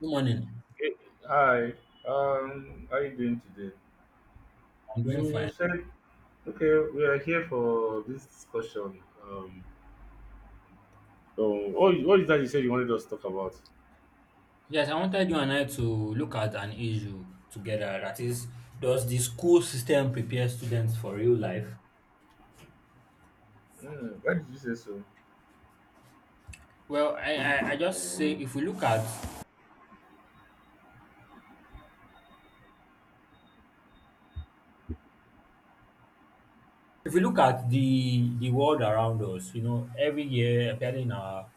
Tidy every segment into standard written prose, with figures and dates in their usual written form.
Good morning. Hey, hi, how are you doing today? I'm doing You fine. said, okay, we are here for this discussion. So what, what is that you said you wanted us to talk about? Yes, I wanted you and I to look at an issue together. That is, does the school system prepare students for real life? Why did you say so? Well, I just say if we look at the world around us, every year, apparently in our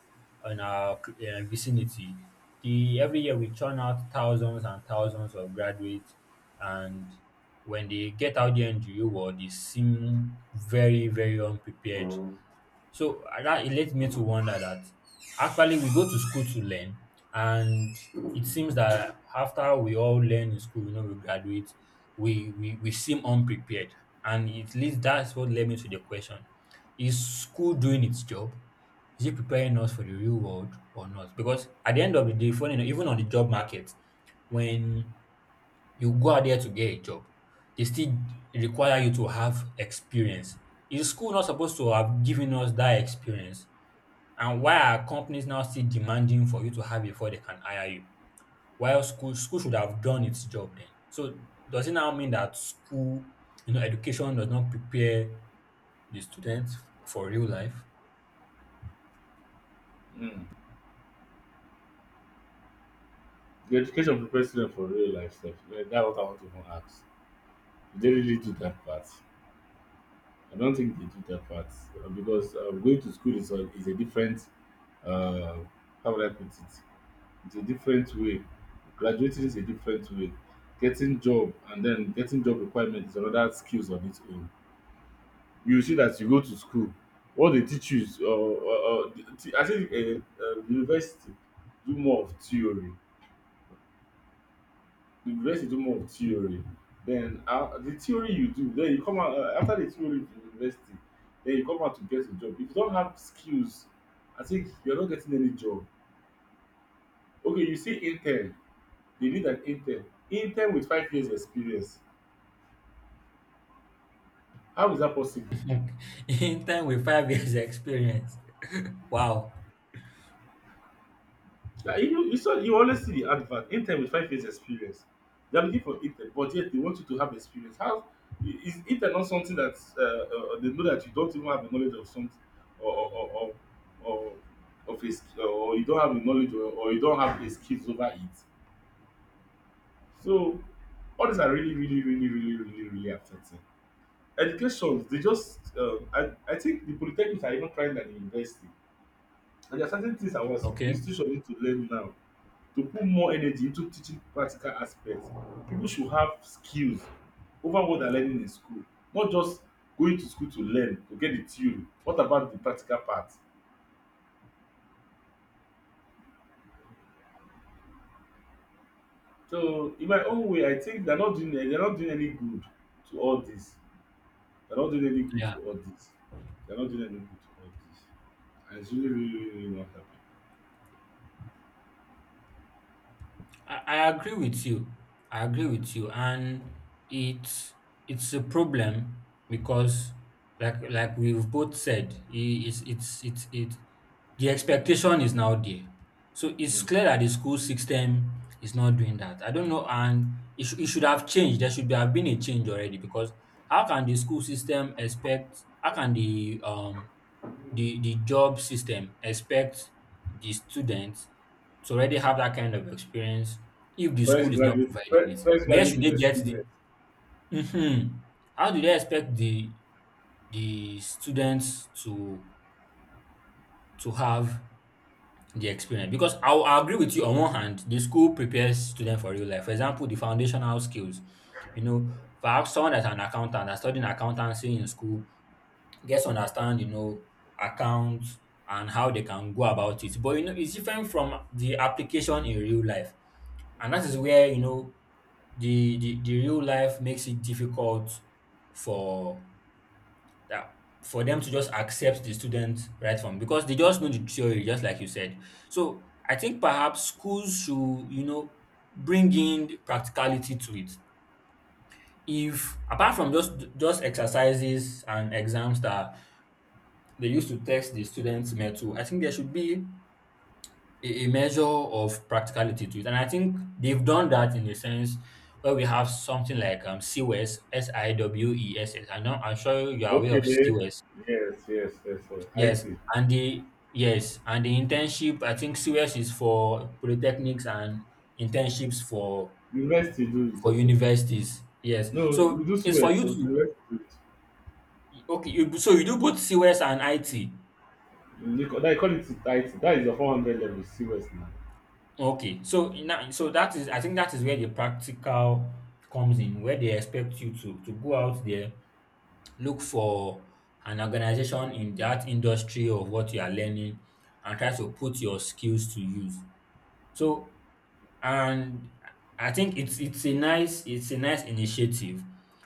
in our uh, vicinity, the every year we churn out thousands and thousands of graduates, and when they get out there in the real world, they seem very very unprepared. So that it led me to wonder that actually we go to school to learn, and it seems that after we all learn in school, we graduate, we seem unprepared, and it leads that's what led me to the question: is school doing its job? Is it preparing us for the real world or not? Because at the end of the day, funny enough, even on the job market, when you go out there to get a job. They still require you to have experience. Is school not supposed to have given us that experience? And why are companies now still demanding for you to have it before they can hire you? While school should have done its job then. So does it now mean that school, education does not prepare the students for real life? Mm. The education prepares students for real life stuff. Yeah, that's what I want to even ask. They really do that part. I don't think they do that part, because going to school is a different, uh, how would I put it? It's a different way. Graduating is a different way. Getting job and then getting job requirement is another skills on its own. You see that you go to school, what they teach you is, I think university do more of theory. The university do more of theory. Then the theory you do, then you come out after the theory of the university, then you come out to get a job. If you don't have skills, I think you're not getting any job. Okay, you see intern. They need an intern. Intern with 5 years experience. How is that possible? In time with 5 years experience. Wow. Like you saw you always see the advert, intern with 5 years experience. They are looking for intern, but yet they want you to have experience. How is intern not something that they know that you don't even have a knowledge of something or or or, or, or of or you don't have a knowledge or you don't have the skills over it. So all these are really, really, really, really, really, really affecting. Education, they just, I think the polytechnics are even trying than the university. And there are certain things I was Okay. institution need to learn now to put more energy into teaching practical aspects. People should have skills over what they're learning in school, not just going to school to learn to get the theory. What about the practical part? So in my own way, I think they're not doing any good to all this. They're not doing any good Yeah. to all this. They're not doing any good to all this. And it's really, really, really really not helping. I agree with you. I agree with you, and it's it's a problem because, like we've both said, it's it. The expectation is now there, so it's Mm. clear that the school system is not doing that. I don't know, and it should have changed. There should be, have been a change already because how can the school system expect? How can the the job system expect the student to already have that kind of experience if the Fresh school is not graduate, providing it? fresh Where graduate should with they get the experience. hmm how do they expect the students to have the experience? Because I agree with you. On one hand, the school prepares students for real life. For example, the foundational skills. You know, perhaps someone that's an accountant that's studying accountancy in school gets to understand, accounts and how they can go about it. But it's different from the application in real life. And that is where, the real life makes it difficult for for them to just accept the student right from, because they just know the theory just like you said. So I think perhaps schools should, bring in practicality to it. If, apart from just exercises and exams that they used to test the students metal, I think there should be a measure of practicality to it. And I think they've done that in a sense where we have something like CWES, SIWESS. I'm sure you are aware of Okay. CWES. Yes, yes, yes, yes. Yes. IT. And and the internship, I think CWS is for polytechnics and internships University do it for also. universities. Yes. No, So we do it's for CWES, you so to. university do Okay, so you do both CWS and IT. it. They call it IT. That is the 400 level CWES now. Okay, so now, so that is I think that is where the practical comes in, where they expect you to go out there, look for an organization in that industry of what you are learning, and try to put your skills to use. So and I think it's a nice initiative.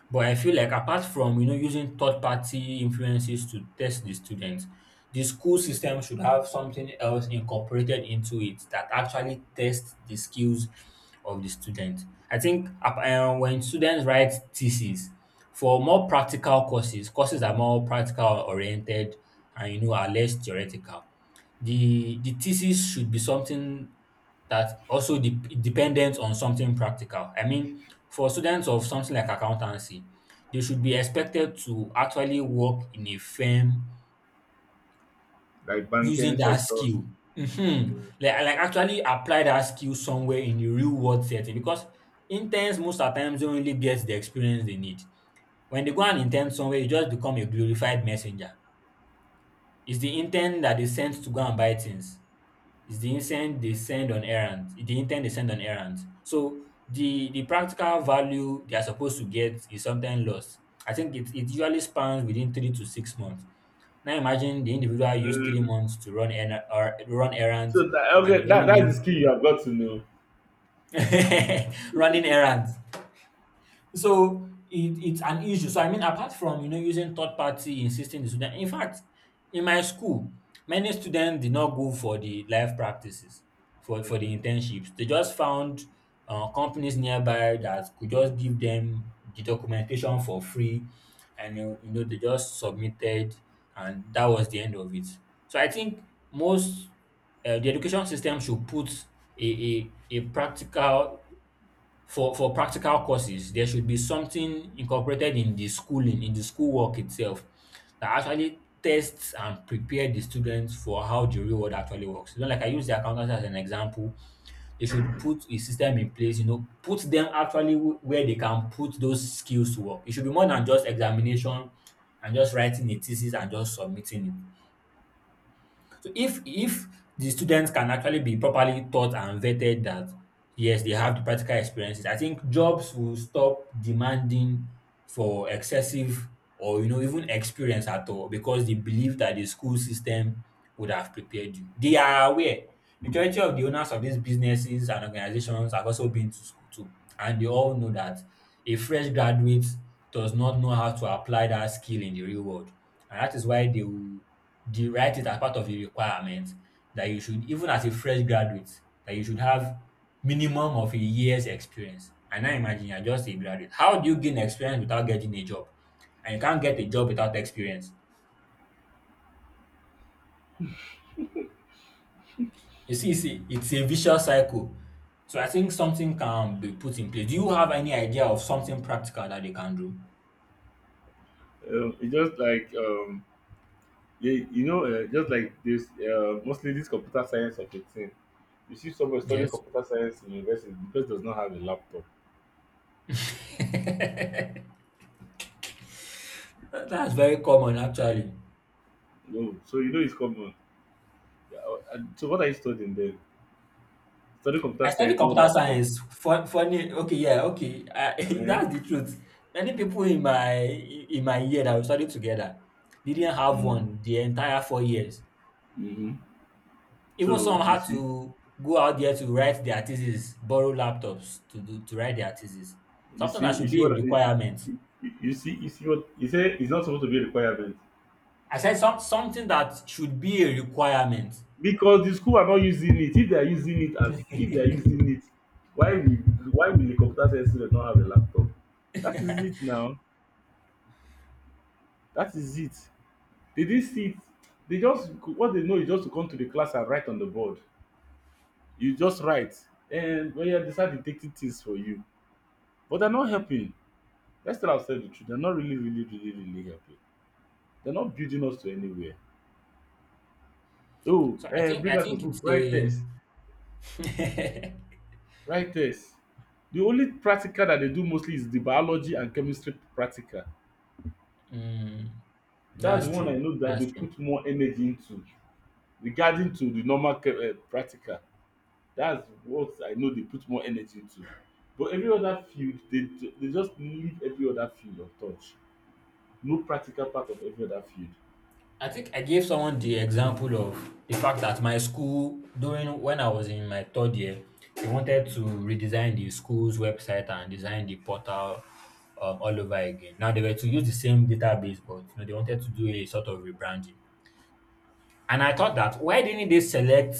But I feel like, apart from using third party influences to test the students, the school system should have something else incorporated into it that actually tests the skills of the student. I think when students write theses for more practical courses, courses that are more practical oriented and are less theoretical. The thesis should be something that also dependent on something practical. I mean, for students of something like accountancy, they should be expected to actually work in a firm Like using banking that sectors. skill. Mhm. Mm. Like actually apply that skill somewhere in the real world setting, because interns most at times don't really get the experience they need. When they go and intern somewhere, you just become a glorified messenger. It's the intern that is sent to go and buy things. It's the intent they send on errands. The intent they send on errands. So the practical value they are supposed to get is sometimes lost. I think it usually spans within 3 to 6 months. Now imagine the individual used three Mm. months to run errand or run errands, and it Okay, only that is meant the skill you have got to know. running errands. So it's an issue. So I mean, apart from using third party insisting the student. In fact, in my school, many students did not go for the life practices for the Mm. internships. They just found companies nearby that could just give them the documentation for free, and they just submitted, and that was the end of it. So I think, most the education system should put a practical. For practical courses, there should be something incorporated in the schooling, in the schoolwork itself that actually tests and prepare the students for how the real world actually works. Like I use the accountants as an example, they should put a system in place, put them actually where they can put those skills to work. It should be more than just examination and just writing a thesis and just submitting it. So if the students can actually be properly taught and vetted that yes, they have the practical experiences, I think jobs will stop demanding for excessive or, even experience at all, because they believe that the school system would have prepared you. They are aware. Majority of the owners of these businesses and organizations have also been to school too, and they all know that a fresh graduate does not know how to apply that skill in the real world. And that is why they write it as part of the requirement that you should, even as a fresh graduate, that you should have minimum of a year's experience. And now imagine you're just a graduate. How do you gain experience without getting a job? And you can't get a job without experience. You see, it's a vicious cycle. So I think something can be put in place. Do you have any idea of something practical that they can do? It's just like, just like this, mostly this computer science of a thing. You see someone studying Yes. computer science in university, the person does not have a laptop. That's very common actually. No, so you know it's common. Yeah, and so what are you studying then? Study I computer studied science, no computer laptop. science. Funny, okay, yeah, okay. Yeah. That's the truth. Many people in my year that we studied together didn't have Mm. one the entire 4 years. Mm-hmm. Even So some you had see, to go out there to write their thesis, borrow laptops to write their thesis. you Something see, that you should see be a what I- you, requirement. you you see what you say. It's not supposed to be a requirement I said something that should be a requirement. because the school are not using it. If they are using it as if they are using it, why will why will the computer science student not have a laptop? That is it now. That is it. They didn't see it. They just What they know is just to come to the class and write on the board. You just write, and when you decide to take things for you, but they're not helping. Let's tell ourselves the truth. They're not really, really, really, really helping. They're not building us to anywhere. Oh, So I think bring out a book, it's write a. test, write test. The only practical that they do mostly is the biology and chemistry practical. Hmm. That's That's the one I true. know that they That's true. put more energy into regarding to the normal practical. That's what I know they put more energy into. But every other field, they just leave every other field of touch. No practical part of every other field. I think I gave someone the example of the fact that my school, during when I was in my third year, they wanted to redesign the school's website and design the portal all over again. Now they were to use the same database, but they wanted to do a sort of rebranding. And I thought that, why didn't they select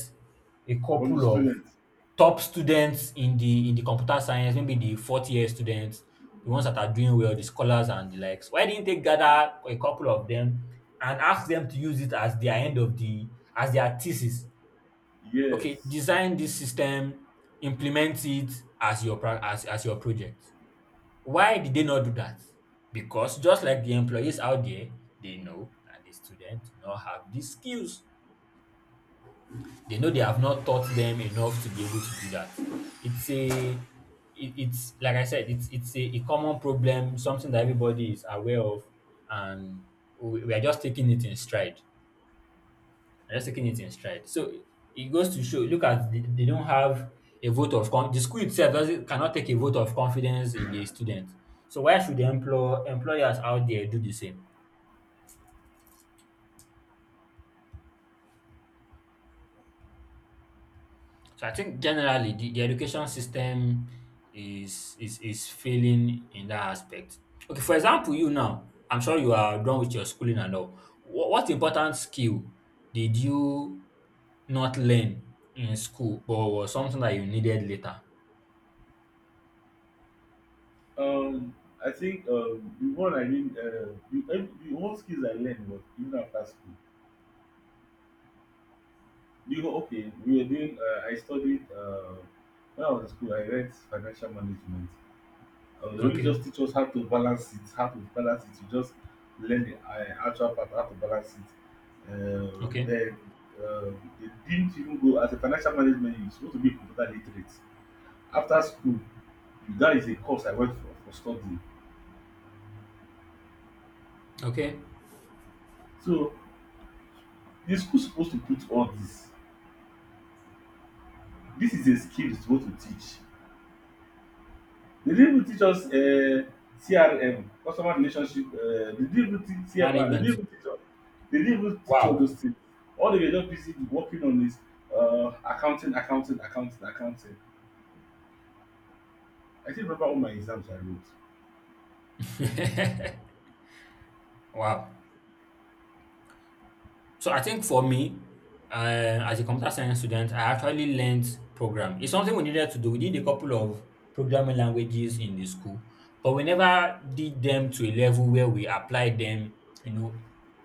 a From the couple of students, top students in the computer science, maybe the fourth year students, the ones that are doing well, the scholars and the likes. Why didn't they gather a couple of them and ask them to use it as their thesis? yes. Okay, design this system, implement it as your project. Why did they not do that? Because just like the employees out there, they know that the students do not have these skills. They know they have not taught them enough to be able to do that. It's a it's like I said, a common problem, something that everybody is aware of, and we are just taking it in stride. We're just taking it in stride. So it goes to show. Look at, they don't have a vote of the school itself doesn't cannot take a vote of confidence in the student. So why should the employers out there do the same? So I think generally the education system is failing in that aspect. Okay, for example, you now, I'm sure you are done with your schooling and all. What important skill did you not learn in school but was something that you needed later? Um, I think, the one skills I learned was even after school. Okay, we were doing, when I was in school, I read financial management. They only Okay, just teach us how to balance it, how to balance it. You just learn the actual part, how to balance it. Uh, okay, then uh, they didn't even go, as a financial management, you're supposed to be computer literate. After school, that is a course I went for studying. okay. So, the school supposed to put all this. This is a skill it's supposed to teach. They didn't even teach us CRM, customer relationship. They didn't even teach CMR. Management. They didn't even teach all those Wow. things. All they were just busy working on is accounting, accounting, accounting, accounting. I still remember all my exams I wrote. Wow. So I think for me, as a computer science student, I actually learned program. It's something we needed to do. We did a couple of programming languages in the school, but we never did them to a level where we applied them, you know,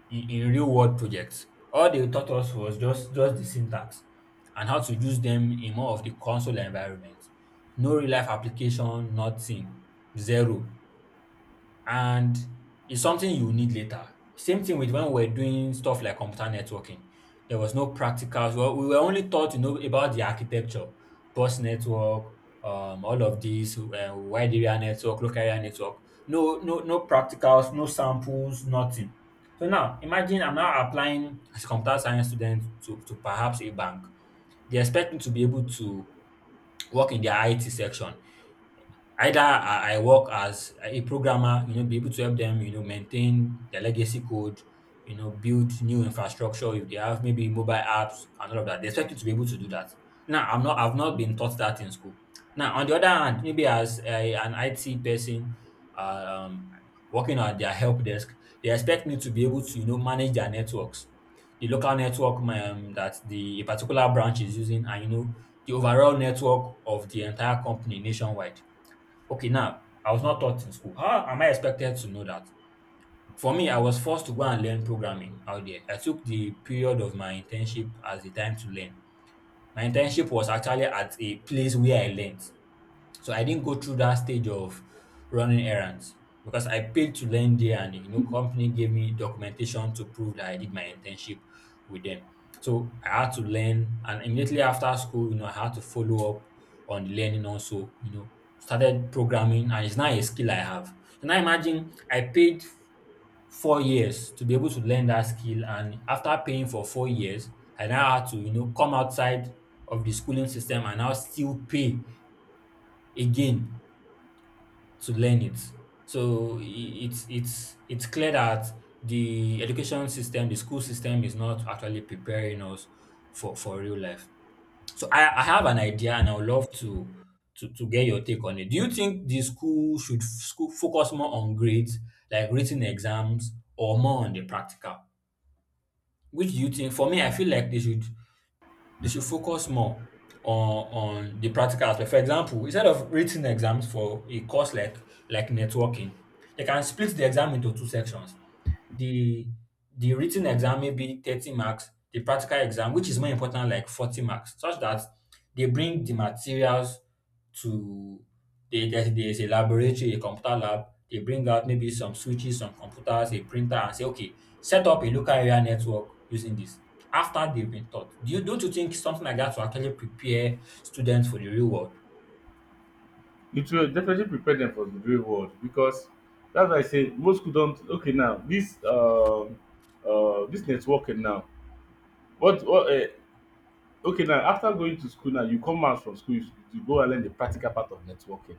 in real world projects. All they taught us was just the syntax and how to use them in more of the console environment. No real life application, nothing, zero and it's something you need later. Same thing with when we were doing stuff like computer networking. There was no practicals. Well, we were only taught to know about the architecture, bus network, all of these, wide area network, local area network. No, no, no practicals, no samples, nothing. So now imagine I'm now applying as a computer science student to perhaps a bank. They expect me to be able to work in their IT section. Either I work as a programmer, be able to help them, maintain their legacy code, build new infrastructure if they have maybe mobile apps and all of that. They expect you to be able to do that. Now, I'm not, I've not been taught that in school. Now, on the other hand, maybe as an IT person um, working at their help desk, they expect me to be able to, manage their networks, the local network that the a particular branch is using, and the overall network of the entire company nationwide. Okay, now, I was not taught in school. How am I expected to know that? For me, I was forced to go and learn programming out there. I took the period of my internship as the time to learn. My internship was actually at a place where I learned. So I didn't go through that stage of running errands because I paid to learn there and company gave me documentation to prove that I did my internship with them. So I had to learn and immediately after school, I had to follow up on the learning also, started programming and it's now a skill I have. So now imagine I paid 4 years to be able to learn that skill and after paying for 4 years, I now had to, come outside of the schooling system and now still pay again to learn it. So it's clear that the education system, the school system, is not actually preparing us for real life. So I have an idea, and I would love to get your take on it. Do you think the school should school focus more on grades, like written exams, or more on the practical? Which do you think? For me, I feel like they should focus more on on the practical aspect. For example, instead of written exams for a course like networking, they can split the exam into two sections. The the written exam maybe 30 marks, the practical exam, which is more important, like 40 marks, such that they bring the materials to they, there's a laboratory, a computer lab. They bring out maybe some switches, some computers, a printer, and say, okay, set up a local area network using this. After they've been taught, do you don't you think something like that will actually prepare students for the real world? It will definitely prepare dem for the real world, because that's why I say most school don. Okay, now this networking now, what okay, now, after going to school now, you come out from school, you go and learn the practical part of networking.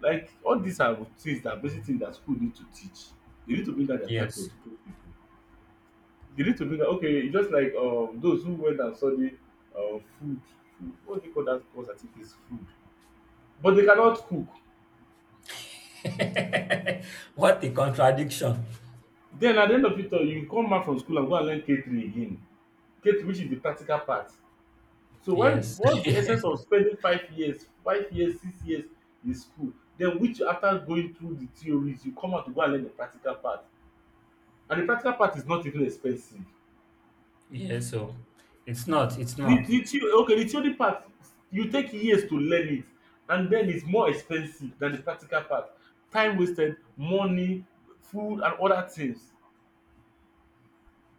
Like all these are things that basic things that school need to teach. They need to bring out their time to Yes. educate people. They need to bring out. Okay, it's just like those who went and study food. Food, what do you call that course? I think it's food. But they cannot cook. what a contradiction. Then at the end of it all, you come out from school and go and learn K three again. K three, which is the practical part. So when Yes. what's the essence of spending 5 years, 5 years, 6 years in school den, which after going through the theories you come out to go and learn the practical part, and the practical part is not even expensive. Yeah, so it's not, it's the not. the theo okay the theory part, you take years to learn it, and then it's more expensive than the practical part. Time wasted, money, food, and other things.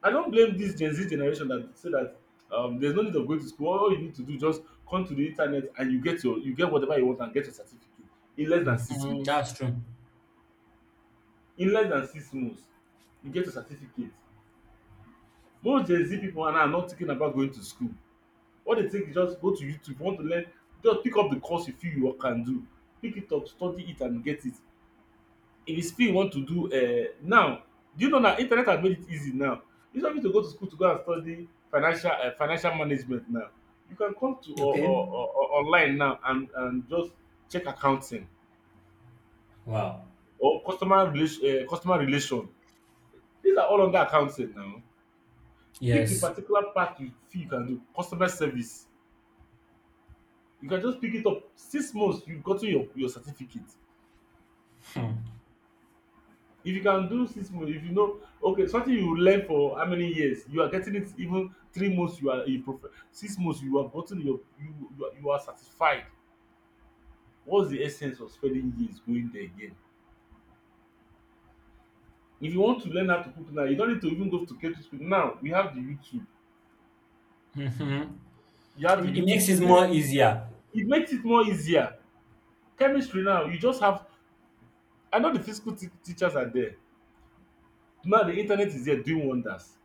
I don't blame this Gen Z generation that say that, there's no need of going to school. All you need to do is just come to the internet, and you get your you get whatever you want and get your certificate in less than six Mhm, months. that's true. In less than 6 months, you get your certificate. Most Gen Z people are now not thinking about going to school. What they think is just go to YouTube. If you want to learn, just pick up the course you feel you can do. Pick it up, study it, and get it. If you still want to do, now, do you know now internet has made it easy now, you don't need to go to school to go and study financial management. Now you can come to Okay. Or online now and just check accounting, Wow. or customer relation, customer relation, these are all under accounting. Now pick the Yes. particular part you feel you can do, customer service, you can just pick it up. 6 months you've gotten your certificate. If you can do 6 months, if you know, okay, something you learn for how many years, you are getting it even 3 months, you are a prof. 6 months, you have gotten you are satisfied. What's the essence of spending years going there again? If you want to learn how to cook now, you don't need to even go to catering school. Now, we have the YouTube. Mm-hmm. You have the It YouTube makes to it learn. more easier. It makes it more easier. Chemistry now, you just have, I know the physical teachers are there. Now the internet is there doing wonders.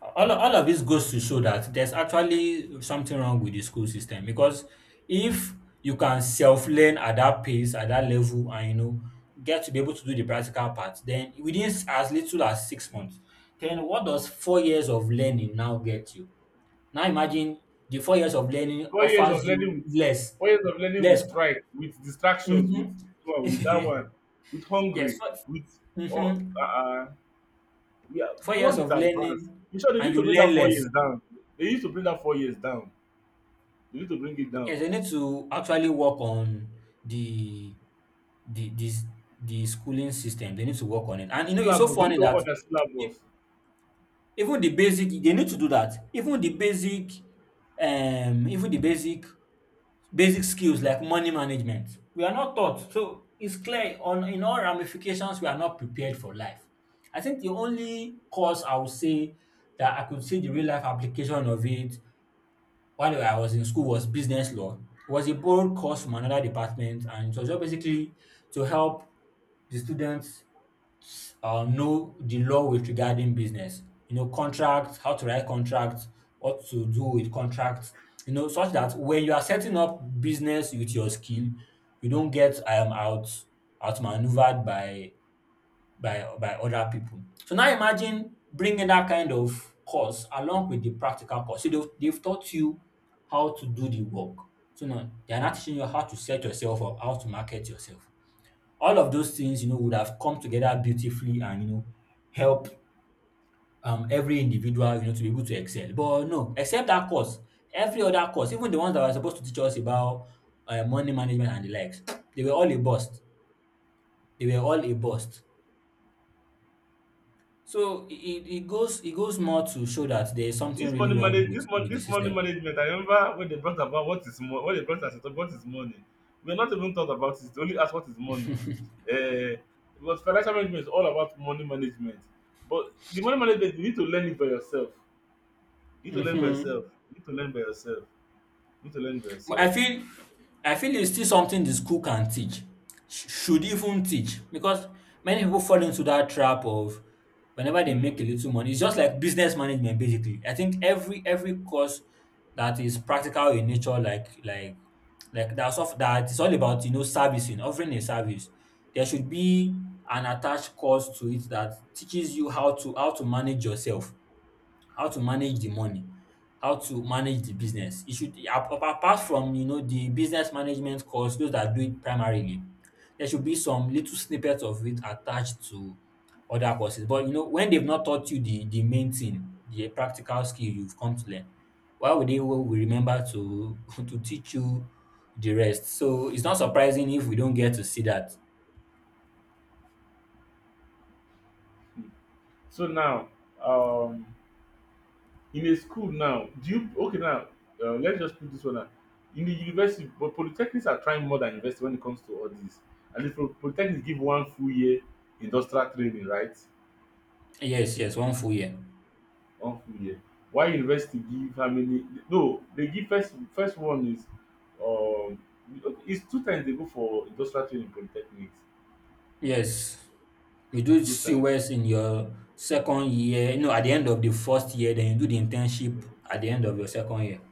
All of this goes to show that there's actually something wrong with the school system because if you can self learn at that pace, at that level, and get to be able to do the practical part, then within as little as 6 months, then what does 4 years of learning now get you? Now imagine the 4 years of learning 4 years offers of you learning with less, 4 years of learning with less. strike, with distractions, with Mhm. this one, with that one, with Yes, hungry, 4. with oh, Mhm. uh, uh, yeah, Four the years world is of advanced. learning In short, they and need to you bring learn that four less. years down. They need to bring that 4 years down. They need to bring it Yes, down. you need to actually work on the the this the schooling system. They need to work on it. The And it's so syllabus, they need funny to work on that their e- syllabus. even the basic, they need to do that. Even the basic skills like money management we are not taught, so it's clear on in all ramifications we are not prepared for life. I think the only course I would say that I could see the real life application of it while I was in school was business law. It was a borrowed course from another department and it was just basically to help the students know the law with regarding business. Contracts, how to write contracts, what to do with contracts, such that when you are setting up business with your skill, you don't get outmaneuvered by other people. So now imagine bringing that kind of course along with the practical course. So they've taught you how to do the work. So now they are not teaching you how to set yourself up, how to market yourself. All of those things, would have come together beautifully and help every individual to be able to excel. But no, except that course, every other course, even the ones that were supposed to teach us about money management and the likes, they were all a bust. They were all a bust. So it goes more to show that there is something This really money wrong manage with, this money with the this money system. management, I remember when they brought about what is money, when they brought us to talk what is money. We are not even thought about it, they only ask what is money. Uh, because financial management is all about money management. But the money management you need to learn it by yourself. You need to learn by Hmm. yourself. You need to learn by yourself. You need to learn by But I yourself. feel I feel it's still something the school can teach, should even teach, because many people fall into that trap of whenever they make a Mm. little money, it's just like business management basically. I think every course that is practical in nature, like like that is all about servicing, offering a service. There should be an attached course to it that teaches you how to manage yourself, how to manage the money, how to manage the business. E should ap- ap- apart from the business management course, those that do it primarily, there should be some little snippet of it attached to other courses. But you know when they've not taught you the main thing, the practical skill you've come to learn, why would we remember to to teach you the rest? So it's not surprising if we don't get to see that. So now um in a school now do you okay now Let's just put this one out in the university, but polytechnics are trying more than university when it comes to all this. And if polytechnics give one full year industrial training, right? Yes, yes, one full year. One full year. Why university give how many? No, they give first one is um okay, it's two times they go for industrial training in polytechnics. Yes. You do Two times. COS in your second year, no, at the end of the first year, then you do the internship at the end of your second year.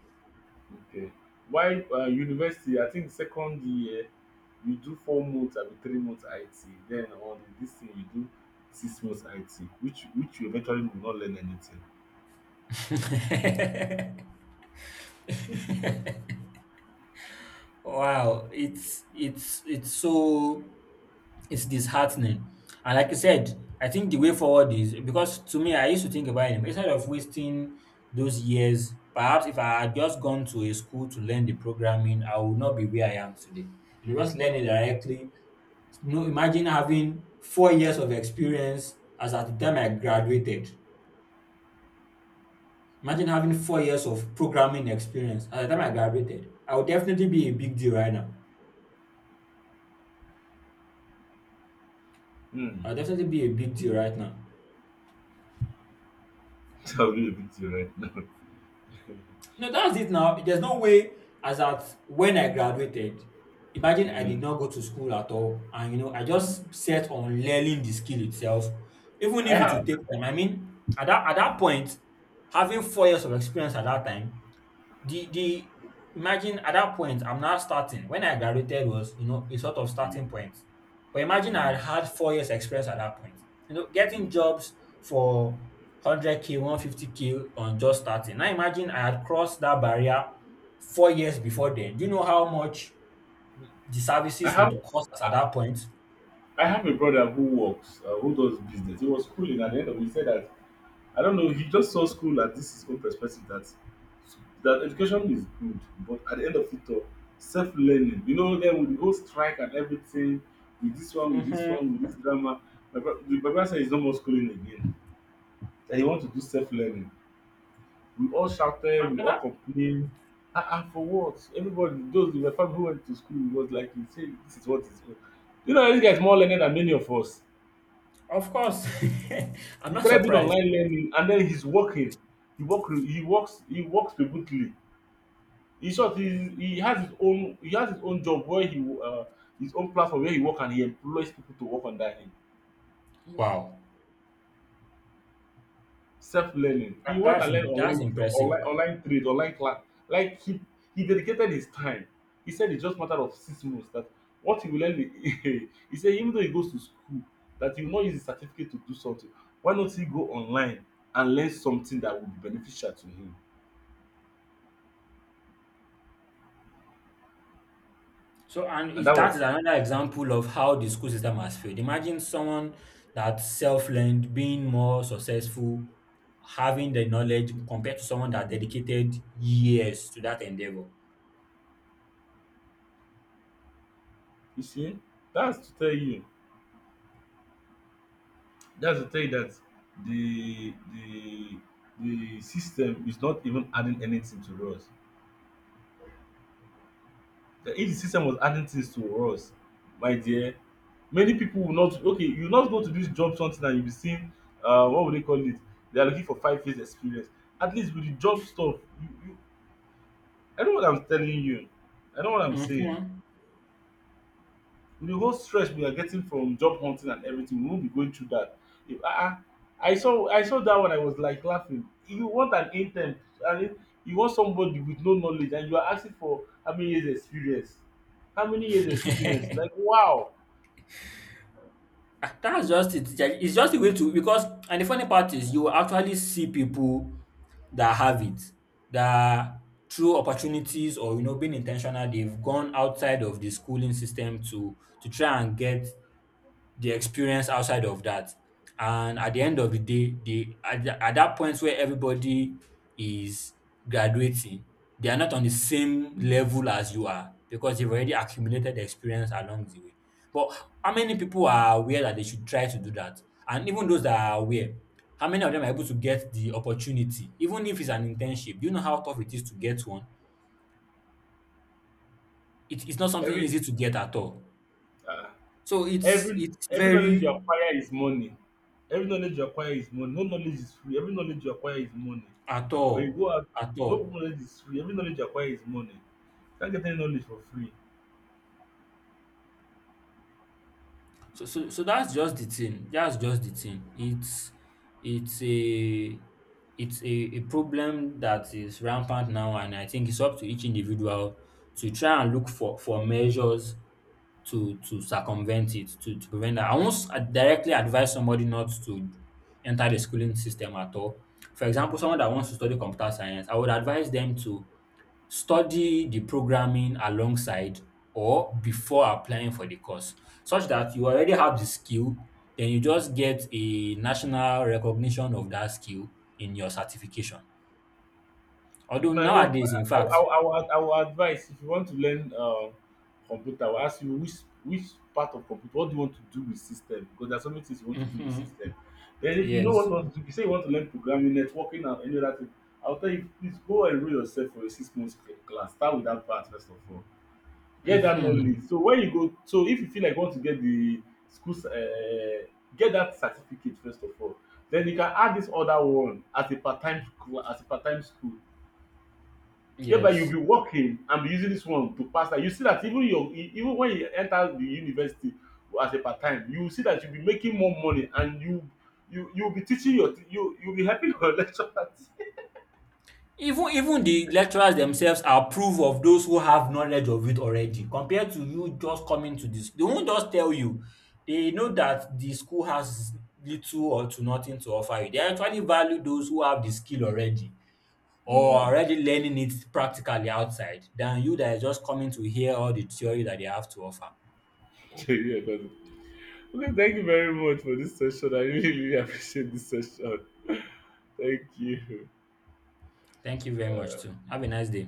Okay. While university, I think second year, you do 4 months abi 3 months IT. Then on this thing you do 6 months IT, which you eventually will not learn anything. Wow, it's so it's disheartening. And like you said, I think the way forward is because to me, I used to think about it, instead of wasting those years, perhaps if I had just gone to a school to learn the programming, I would not be where I am today. You just learn it directly. Imagine having 4 years of experience as at the time I graduated. Imagine having 4 years of programming experience at the time I graduated. I would definitely be a big deal right now. Hmm. I would definitely be a big deal right now. That will be a bit right now. No, that's it now. There's no way as at when I graduated. Imagine I did Hmm. not go to school at all, and I Hmm. just set on learning the skill itself, even I if it would have. take time. I mean, at that point, having 4 years of experience at that time. The the imagine at that point I'm now starting. When I graduated was a sort of Hmm. starting point, but imagine I had Hmm. had 4 years experience at that point. Getting Hmm. jobs for 100K, 150K on just starting. Now imagine I had crossed that barrier 4 years before then. Do you know how much the I services would have. cost us at that point? I have a brother who works, who does business. He was schooling at the end of. He said that I don't know. He just saw school at this his own perspective that that education is good, but at the end of it all, self learning. You know, then with the whole strike and everything, with this one, with this one, with this drama. The Baba said he's no more schooling again. That he wants to do self learning. We all shouted, we all complained. Ah, ah, for what? Everybody, those in my family who went to school, was like, he said, this is what is. You know, this guy is more learned than many of us. Of course, I'm He not started doing surprised. online learning and then he's working. He works remotely. In short, he has his own he has his own job where he his own platform where he work, and he employs people to work under him. Wow, Self learning. that, He went that's and learned im- that's online, impressive. online online trade, online class. Like he dedicated his time. He said it's just matter of 6 months that what he will learn. he said even though he goes to school, that he will not use his certificate to do something. Why not he go online and learn something that will be beneficial to him? So, and And is that that is was another example of how the school system has failed. Imagine someone that self-learned, being more successful, having the knowledge compared to someone that dedicated years to that endeavor. You see, that's to tell you, that's to tell you that the the the system is not even adding anything to us. That if the system was adding things to us, my dear, many people will not. Okay, you not go to this job something and you be seeing, what would they call it? They are looking for 5 years experience. At least with the job stuff, you, I know what I'm telling you. I know what I'm saying. Mhm. The whole stress we are getting from job hunting and everything, we won't be going through that. If ah ah, I saw that one, I was like laughing. You want an intern, I mean, you want somebody with no knowledge, and you are asking for how many years experience? How many years experience? Like wow, That's just it. Yeah, it's just a way to, because, and the funny part is you will actually see people that have it, that through opportunities or being intentional, they've gone outside of the schooling system to try and get the experience outside of that. And at the end of the day, at that point where everybody is graduating, they are not on the same level as you are because they've already accumulated experience along the way. But how many people are aware that they should try to do that? And even those that are aware, how many of them are able to get the opportunity? Even if it's an internship, do you know how tough it is to get one? It's not something every easy to get at all. ah, So it's it's every knowledge you very. acquire is money. Every knowledge you acquire is money. No knowledge is free. Every knowledge you acquire is money. At When you all. go out, At no all. knowledge is free. Every knowledge you acquire is money. You can't get any knowledge for free. So that's just the thing. That's just the thing. It's a it's a problem that is rampant now and I think it's up to each individual to try and look for measures to circumvent it, to prevent that. I won't directly advise somebody not to enter the schooling system at all. For example, someone that wants to study computer science, I would advise them to study the programming alongside or before applying for the course such that you already have the skill, then you just get a national recognition of that skill in your certification. Although My own, nowadays, in I fact. I will I will advise if you want to learn computer, I will ask you which part of computer, what do you want to do with system? Because there are so many things you want to do with Mhm, system. Then if you know what you yes, want to do, you say you want to learn programming, networking and any other thing, I will tell you please go and enroll yourself for a 6 months class. Start with that part first of all. Get that knowledge. mhm, So when you go, so if you feel like you want to get the school, get that certificate first of all. Then you can add this other one as a part time, as a part time school, whereby you'll yes. be working and be using this one to pass. That you see that even your even when you enter the university as a part time, you will see that you'll be making more money, and you'll be teaching your you you'll be helping your lecturers. Even the lecturers themselves approve of those who have knowledge of it already compared to you just coming to the they won't just tell you. They know that the school has little or to nothing to offer you. They actually value those who have the skill already or Mm. already learning it practically outside than you that is just coming to hear all the theory that they have to offer. yeah, got it. Okay, thank you very much for this session. I really really appreciate this session. Thank you. Thank you very much too. Have a nice day.